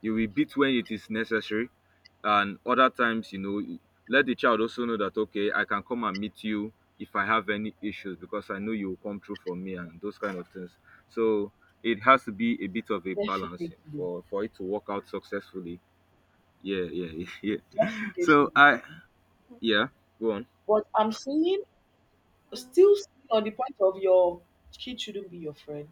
[SPEAKER 1] you will beat when it is necessary. And other times, let the child also know that okay, I can come and meet you if I have any issues because I know you will come through for me and those kind of things. So it has to be a bit of a balance
[SPEAKER 2] Definitely.
[SPEAKER 1] for it to work out successfully. Yeah, yeah, yeah. So
[SPEAKER 2] Definitely.
[SPEAKER 1] I, yeah, go on.
[SPEAKER 2] But I'm saying, still staying on the point of your kid shouldn't be your friend.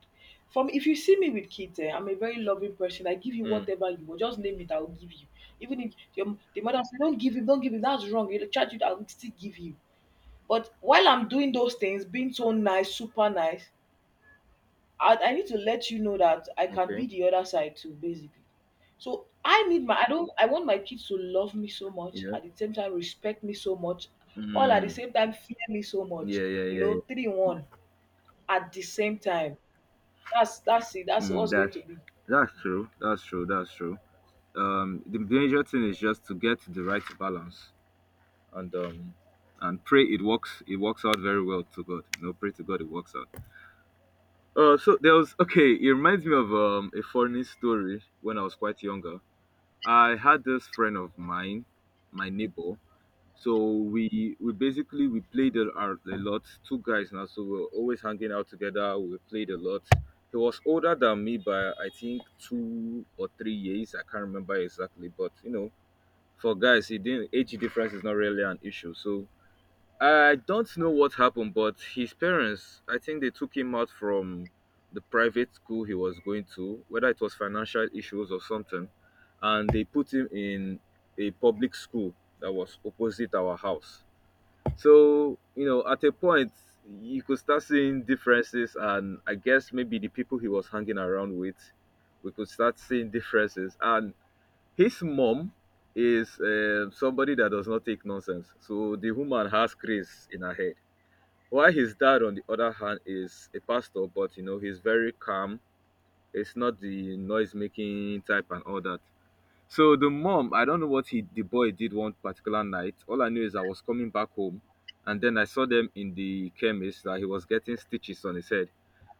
[SPEAKER 2] From If you see me with kids, eh, I'm a very loving person. I give you
[SPEAKER 1] Mm,
[SPEAKER 2] whatever you want. Just name it, I'll give you. Even if the mother said, "Don't give him, don't give him, that's wrong. You'll charge you," I'll still give you. But while I'm doing those things, being so nice, super nice, I need to let you know that I can be
[SPEAKER 1] okay.
[SPEAKER 2] the other side too, basically. So I need my I don't I want my kids to love me so much,
[SPEAKER 1] Yeah.
[SPEAKER 2] at the same time respect me so much, all at the
[SPEAKER 1] Mm,
[SPEAKER 2] same time fear me so much.
[SPEAKER 1] yeah, yeah,
[SPEAKER 2] You
[SPEAKER 1] yeah,
[SPEAKER 2] know, three in
[SPEAKER 1] yeah.
[SPEAKER 2] one at the same time. That's it. That's
[SPEAKER 1] Mm,
[SPEAKER 2] what's going
[SPEAKER 1] that's
[SPEAKER 2] to be.
[SPEAKER 1] that's true. That's true. That's true. The major thing is just to get the right balance and and pray it works. It works out very well to God. Pray to God it works out. So there was okay. It reminds me of a funny story when I was quite younger. I had this friend of mine, my neighbor. So we basically we played a lot. Two guys now, so we are always hanging out together. We played a lot. He was older than me by I think 2 or 3 years. I can't remember exactly, but for guys, it didn't age difference is not really an issue. So I don't know what happened, but his parents, I think they took him out from the private school he was going to, whether it was financial issues or something, and they put him in a public school that was opposite our house. So, you know, at a point, you could start seeing differences, and I guess maybe the people he was hanging around with, we could start seeing differences. And his mom is somebody that does not take nonsense. So the woman has grace in her head. While his dad, on the other hand, is a pastor, but, you know, he's very calm. It's not the noise making type and all that. So the mom, I don't know what he the boy did one particular night. All I knew is I was coming back home, and then I saw them in the chemist that he was getting stitches on his head.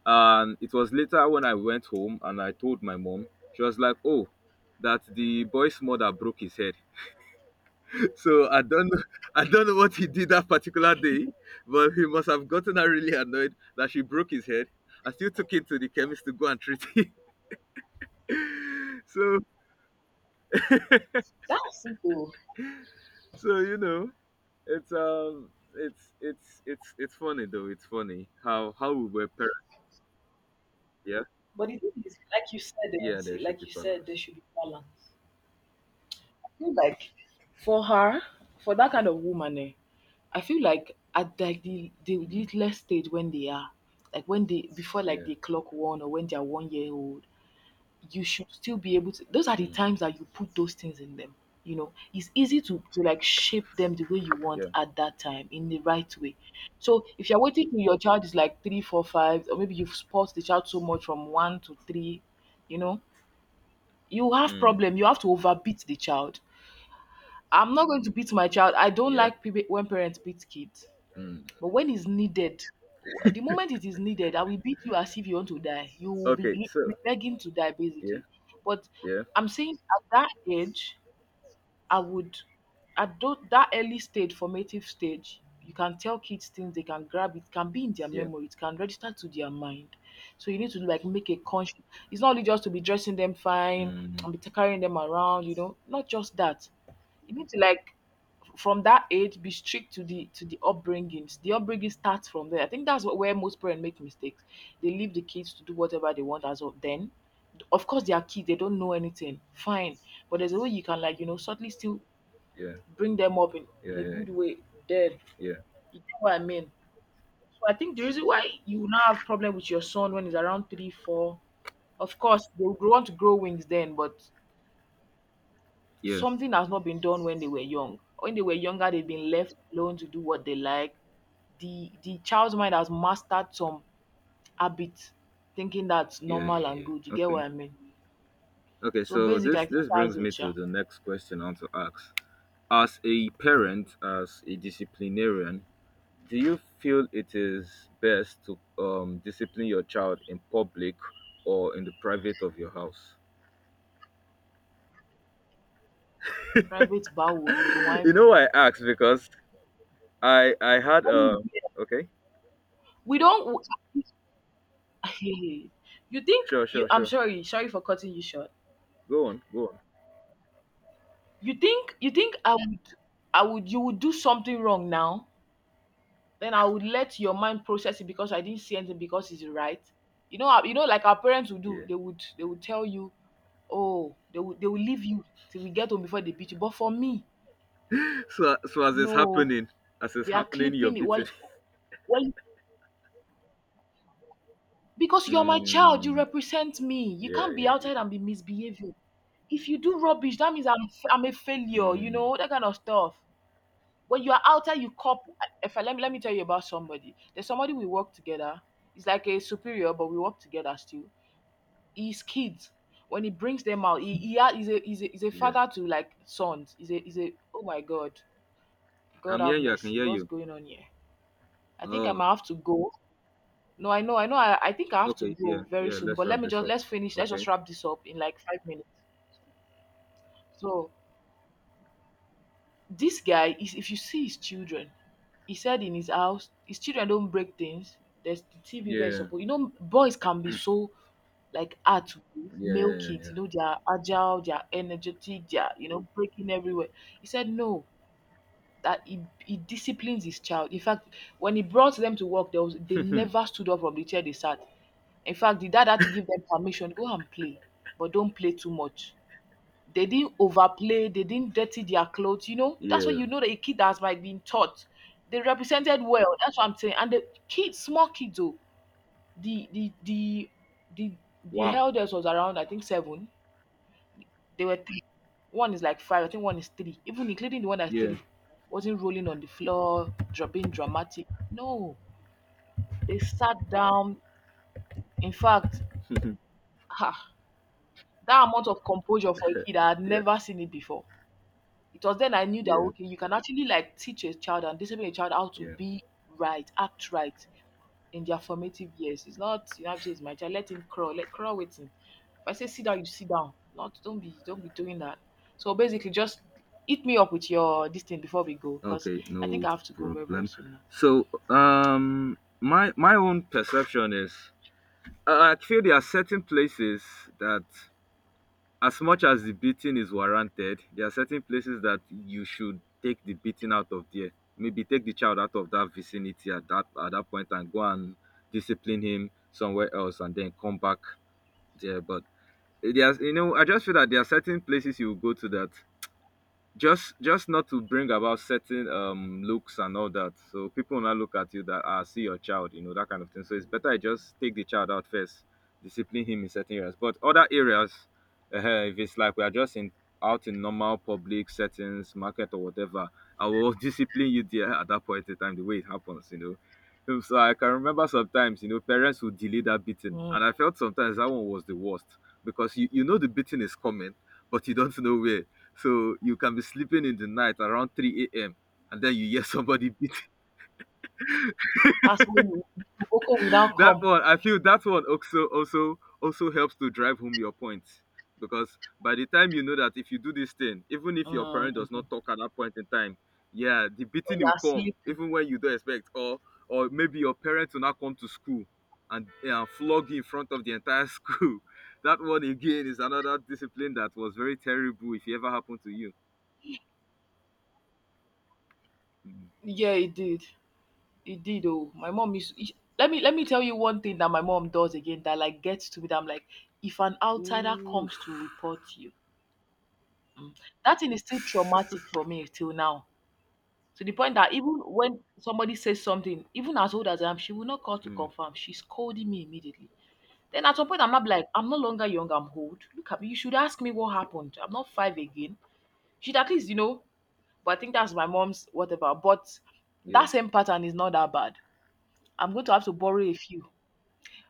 [SPEAKER 1] And it was later when I went home and I told my mom, she was like, "Oh, that the boy's mother broke his head." So I don't know, I don't know what he did that particular day, but he must have gotten her really annoyed that she broke his head. I still took him to the chemist to go and treat him. So
[SPEAKER 2] That's simple.
[SPEAKER 1] so you know it's it's funny though. It's funny how we were parents. Yeah,
[SPEAKER 2] But the thing is, like you said, eh,
[SPEAKER 1] yeah.
[SPEAKER 2] see,
[SPEAKER 1] There should
[SPEAKER 2] like
[SPEAKER 1] be
[SPEAKER 2] you said, there
[SPEAKER 1] balance.
[SPEAKER 2] should be balance. Feel like for her, for that kind of woman, eh, I feel like at like the
[SPEAKER 1] Mm,
[SPEAKER 2] littlest stage when they are, like when they before like
[SPEAKER 1] yeah.
[SPEAKER 2] they clock one or when they are 1 year old, you should still be able to. Those are the
[SPEAKER 1] Mm, mm,
[SPEAKER 2] times that you put those things in them. You know, it's easy to like shape them the way you want
[SPEAKER 1] yeah.
[SPEAKER 2] at that time in the right way. So if you're waiting till your child is like three, four, five, or maybe you've spoiled the child so much from one to three, you know, you have
[SPEAKER 1] Mm,
[SPEAKER 2] problem. You have to overbeat the child. I'm not going to beat my child. I don't
[SPEAKER 1] yeah.
[SPEAKER 2] like when parents beat kids.
[SPEAKER 1] Mm.
[SPEAKER 2] But when it's needed, the moment it is needed, I will beat you as if you want to die. You will
[SPEAKER 1] Okay.
[SPEAKER 2] be
[SPEAKER 1] So
[SPEAKER 2] begging to die,
[SPEAKER 1] yeah,
[SPEAKER 2] basically. But
[SPEAKER 1] yeah,
[SPEAKER 2] I'm saying at that age, I would, at that early stage, formative stage, you can tell kids things, they can grab it, can be in their
[SPEAKER 1] yeah.
[SPEAKER 2] memory, it can register to their mind. So you need to like make a conscious. It's not only just to be dressing them fine
[SPEAKER 1] Mm,
[SPEAKER 2] and be carrying them around, you know, not just that. You need to like, from that age, be strict to the upbringing. Starts from there. I think that's what, where most parents make mistakes. They leave the kids to do whatever they want as of then. Of course they are kids, they don't know anything, fine, but there's a way you can like, you know, subtly still
[SPEAKER 1] yeah,
[SPEAKER 2] bring them up in,
[SPEAKER 1] yeah,
[SPEAKER 2] in a
[SPEAKER 1] yeah,
[SPEAKER 2] good way. Then,
[SPEAKER 1] yeah,
[SPEAKER 2] you know what I mean? So I think the reason why you will not have problem with your son when he's around 3, 4, of course they will want to grow wings then, but
[SPEAKER 1] yeah, yeah,
[SPEAKER 2] something has not been done when they were young. When they were younger, they've been left alone to do what they like. The child's mind has mastered some habits, thinking that's
[SPEAKER 1] yeah,
[SPEAKER 2] normal and
[SPEAKER 1] yeah.
[SPEAKER 2] good. You get what
[SPEAKER 1] Okay.
[SPEAKER 2] I mean?
[SPEAKER 1] Okay.
[SPEAKER 2] So
[SPEAKER 1] So
[SPEAKER 2] basically, I
[SPEAKER 1] this
[SPEAKER 2] think
[SPEAKER 1] this
[SPEAKER 2] that's
[SPEAKER 1] brings me
[SPEAKER 2] it, yeah.
[SPEAKER 1] to the next question I want to ask. As a parent, as a disciplinarian, do you feel it is best to discipline your child in public or in the private of your house?
[SPEAKER 2] Private bowl, you they want
[SPEAKER 1] You
[SPEAKER 2] me.
[SPEAKER 1] know I asked because I had
[SPEAKER 2] Anyway,
[SPEAKER 1] a okay.
[SPEAKER 2] we don't. you think
[SPEAKER 1] Sure,
[SPEAKER 2] you?
[SPEAKER 1] sure,
[SPEAKER 2] I'm
[SPEAKER 1] sure.
[SPEAKER 2] sorry. Sorry for cutting you short.
[SPEAKER 1] Go on, go on.
[SPEAKER 2] You think, you think I would, I would, you would do something wrong now? Then I would let your mind process it because I didn't see anything because it's right. You know, how- you know, like our parents would do.
[SPEAKER 1] Yeah.
[SPEAKER 2] They would tell you, oh, they will leave you till we get home before they beat you. But for me,
[SPEAKER 1] So so as it's
[SPEAKER 2] no,
[SPEAKER 1] happening, as it's
[SPEAKER 2] we are
[SPEAKER 1] happening you're
[SPEAKER 2] clipping it.
[SPEAKER 1] beating.
[SPEAKER 2] Why? Why? Because you're my child, you
[SPEAKER 1] Mm,
[SPEAKER 2] represent me. You
[SPEAKER 1] yeah,
[SPEAKER 2] can't be outside
[SPEAKER 1] yeah,
[SPEAKER 2] and be misbehaving. If you do rubbish, that means I'm a
[SPEAKER 1] yeah.
[SPEAKER 2] failure. You
[SPEAKER 1] Mm,
[SPEAKER 2] know that kind of stuff. When you are outside, you cop. If I, Let me let me tell you about somebody. There's somebody we work together. It's like a superior, but we work together still. His kids, when he brings them out, he ha- he's a he's a, he's a
[SPEAKER 1] yeah.
[SPEAKER 2] father to like sons, he's a oh my god, god
[SPEAKER 1] I'm
[SPEAKER 2] have
[SPEAKER 1] hearing you, I can
[SPEAKER 2] mercy,
[SPEAKER 1] hear
[SPEAKER 2] what's
[SPEAKER 1] you.
[SPEAKER 2] going on here? I think I
[SPEAKER 1] Oh,
[SPEAKER 2] might have to go. No, I know, I think I have to
[SPEAKER 1] okay, yeah,
[SPEAKER 2] go very
[SPEAKER 1] yeah,
[SPEAKER 2] soon,
[SPEAKER 1] let's
[SPEAKER 2] but
[SPEAKER 1] wrap this up.
[SPEAKER 2] let's finish, let's just
[SPEAKER 1] Okay.
[SPEAKER 2] wrap this up in like 5 minutes. So this guy, is if you see his children. He said in his house his children don't break things. There's the TV where it's
[SPEAKER 1] Yeah,
[SPEAKER 2] supposed, you know, boys can be so like hard to
[SPEAKER 1] yeah,
[SPEAKER 2] male
[SPEAKER 1] yeah,
[SPEAKER 2] kids,
[SPEAKER 1] yeah,
[SPEAKER 2] you know, they are agile, they are energetic, they are, you know, breaking everywhere. He said no, that he disciplines his child. In fact, when he brought them to work, there was, they
[SPEAKER 1] yeah,
[SPEAKER 2] never stood up from the chair they sat. In fact, the dad had to give them permission, go and play, but don't play too much. They didn't overplay, they didn't dirty their clothes, you know? That's why
[SPEAKER 1] yeah.
[SPEAKER 2] you know that a kid that has like been taught. They represented well, that's what I'm saying. And the kids, small kids though, the the the the the
[SPEAKER 1] Wow.
[SPEAKER 2] eldest was around I think 7. They were three. One is like five, I think one is three. Even including the one that's
[SPEAKER 1] Yeah.
[SPEAKER 2] three. Wasn't rolling on the floor, being dramatic. No. They sat down. In fact, ha, that amount of composure for a kid, I had
[SPEAKER 1] Yeah.
[SPEAKER 2] never seen it before. It was then I knew that
[SPEAKER 1] Yeah,
[SPEAKER 2] okay, you can actually like teach a child and discipline a child how to
[SPEAKER 1] yeah.
[SPEAKER 2] be right, act right in their formative years. It's not you have to say it's my child, let him crawl, let crawl with him. If I say sit down, you sit down. Not don't be doing that. So basically just eat me up with your this thing before we go, because
[SPEAKER 1] Okay,
[SPEAKER 2] I think
[SPEAKER 1] no
[SPEAKER 2] I have to go very, very
[SPEAKER 1] problem.
[SPEAKER 2] soon now.
[SPEAKER 1] So, my my own perception is, I feel there are certain places that, as much as the beating is warranted, there are certain places that you should take the beating out of there. Maybe take the child out of that vicinity at that point and go and discipline him somewhere else, and then come back there. But there's, you know, I just feel that there are certain places you go to that just not to bring about certain looks and all that, so people now look at you that ah, see your child, you know, that kind of thing. So it's better I just take the child out first, discipline him in certain areas. But other areas, if it's like we are just in out in normal public settings, market or whatever, I will discipline you there at that point in time the way it happens, you know. So I can remember sometimes, you know, parents would delay that beating, and I
[SPEAKER 2] Mm.
[SPEAKER 1] felt sometimes that one was the worst, because you know the beating is coming but you don't know where. So you can be sleeping in the night around 3 a.m. and then you hear somebody beat.
[SPEAKER 2] That's when you. Boko will now
[SPEAKER 1] That
[SPEAKER 2] come.
[SPEAKER 1] one, I feel that one also helps to drive home your point. Because by the time you know that if you do this thing, even if your
[SPEAKER 2] Mm.
[SPEAKER 1] parent does
[SPEAKER 2] When
[SPEAKER 1] not talk at that point in time, yeah, the
[SPEAKER 2] you
[SPEAKER 1] beating will
[SPEAKER 2] are
[SPEAKER 1] come,
[SPEAKER 2] sleeping.
[SPEAKER 1] even when you don't expect, or maybe your parents will not come to school and, flog you in front of the entire school. That one again is another discipline that was very terrible if it ever happened to you.
[SPEAKER 2] Yeah, it did. It did, oh, my mom is. Let me let me tell you one thing that my mom does again that like gets to me that I'm like, if an outsider
[SPEAKER 1] Mm.
[SPEAKER 2] comes to report you, mm, that thing is still traumatic
[SPEAKER 1] Oof.
[SPEAKER 2] for me till now. To the point that even when somebody says something, even as old as I am, she will not call to
[SPEAKER 1] Mm,
[SPEAKER 2] confirm. She's scolding me immediately. Then at some point, I'm not like, I'm no longer young, I'm old. Look at me, you should ask me what happened. I'm not five again. She'd at least, you know, but I think that's my mom's whatever. But
[SPEAKER 1] yeah.
[SPEAKER 2] that same pattern is not that bad. I'm going to have to borrow a few.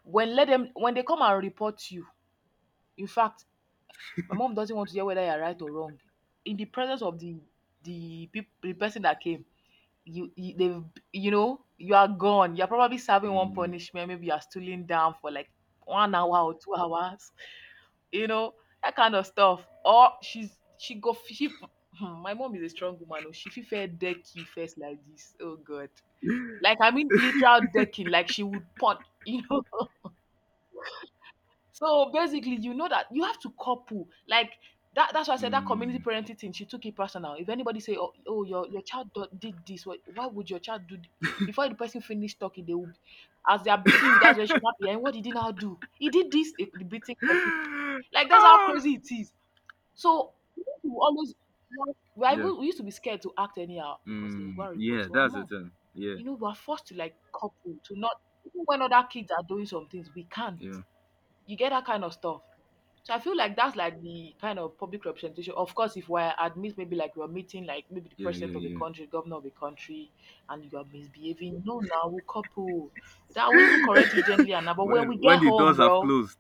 [SPEAKER 2] When let them when they come and report you, in fact, my mom doesn't want to hear whether you are right or wrong. In the presence of the peop the person that came, you you they've you know, you are gone. You're probably serving one
[SPEAKER 1] Mm,
[SPEAKER 2] punishment, maybe you are stooling down for like 1 hour or 2 hours, you know, that kind of stuff. Or she's she go she, hmm, my mom is a strong woman oh, she fit deck you first like this. Oh God. Like I mean literal decking, like she would punch, you know. So basically, you know that you have to couple like that. That's why I said that community
[SPEAKER 1] mm.
[SPEAKER 2] parenting thing. She took it personal. If anybody say, "Oh, oh your child did this," why would your child do? Before the person finish talking, they will, as they are beating you, that's when she's happy. "And what did he now do? He did this." The beating continued. Like that's how
[SPEAKER 1] Ah,
[SPEAKER 2] crazy it is. So we need to always, we are
[SPEAKER 1] yeah.
[SPEAKER 2] even, we used to be scared to act anyhow because they will go
[SPEAKER 1] Mm,
[SPEAKER 2] and report
[SPEAKER 1] yeah,
[SPEAKER 2] to our
[SPEAKER 1] that's the
[SPEAKER 2] mom.
[SPEAKER 1] thing. Yeah,
[SPEAKER 2] You know, we are forced to like couple to not, even when other kids are doing some things, we can't.
[SPEAKER 1] yeah,
[SPEAKER 2] You get that kind of stuff. So I feel like that's like the kind of public representation. Of course, if we're at meet maybe like we are meeting like maybe the
[SPEAKER 1] yeah,
[SPEAKER 2] president
[SPEAKER 1] yeah,
[SPEAKER 2] of the
[SPEAKER 1] yeah.
[SPEAKER 2] country, governor of the country, and you are misbehaving, no, now we'll couple. That will even correct you gently, and but when we
[SPEAKER 1] When
[SPEAKER 2] get
[SPEAKER 1] the
[SPEAKER 2] home,
[SPEAKER 1] doors have
[SPEAKER 2] bro,
[SPEAKER 1] closed.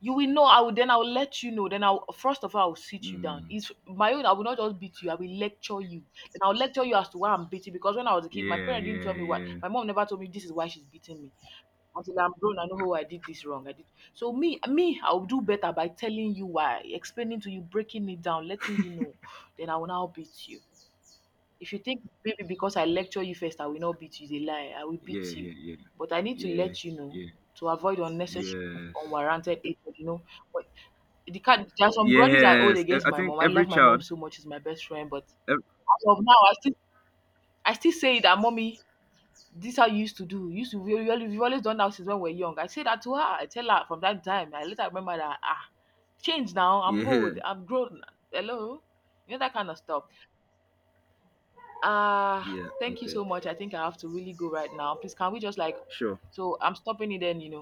[SPEAKER 2] you will know. I will then I will let you know. Then I'll first of all I will sit you down.
[SPEAKER 1] Mm,
[SPEAKER 2] It's my own. I will not just beat you. I will lecture you. Then I'll lecture you as to why I'm beating because when I was a kid, my
[SPEAKER 1] yeah,
[SPEAKER 2] parents didn't tell
[SPEAKER 1] yeah,
[SPEAKER 2] me why.
[SPEAKER 1] yeah,
[SPEAKER 2] My mom never told me this is why she's beating me. Until I'm grown, I know how I did this wrong. I did, so I'll do better by telling you why, explaining to you, breaking it down, letting you know. Then I will now beat you. If you think maybe because I lecture you first, I will not beat you, it's a lie. I will
[SPEAKER 1] yeah,
[SPEAKER 2] beat you.
[SPEAKER 1] yeah, yeah,
[SPEAKER 2] But I need to
[SPEAKER 1] yeah,
[SPEAKER 2] let you know,
[SPEAKER 1] yeah.
[SPEAKER 2] to avoid unnecessary
[SPEAKER 1] Yes,
[SPEAKER 2] unwarranted hatred, you know. But the kind, there are some grudges I hold
[SPEAKER 1] yes.
[SPEAKER 2] against
[SPEAKER 1] I
[SPEAKER 2] my
[SPEAKER 1] think
[SPEAKER 2] mom. I
[SPEAKER 1] every
[SPEAKER 2] love my mom
[SPEAKER 1] child.
[SPEAKER 2] so much, she's my best friend, but as
[SPEAKER 1] Ev-
[SPEAKER 2] of now, I still say that, mommy, this how you used to do. You used to we al We've always done that since when we're young. I say that to her. I tell her from that time. I later remember that, ah, change now. I'm
[SPEAKER 1] yeah,
[SPEAKER 2] old. I'm grown. Hello, you know that kind of stuff. Ah,
[SPEAKER 1] yeah.
[SPEAKER 2] thank you
[SPEAKER 1] Okay,
[SPEAKER 2] so much. I think I have to really go right now. Please, can we just like,
[SPEAKER 1] sure.
[SPEAKER 2] so I'm stopping it. Then you know,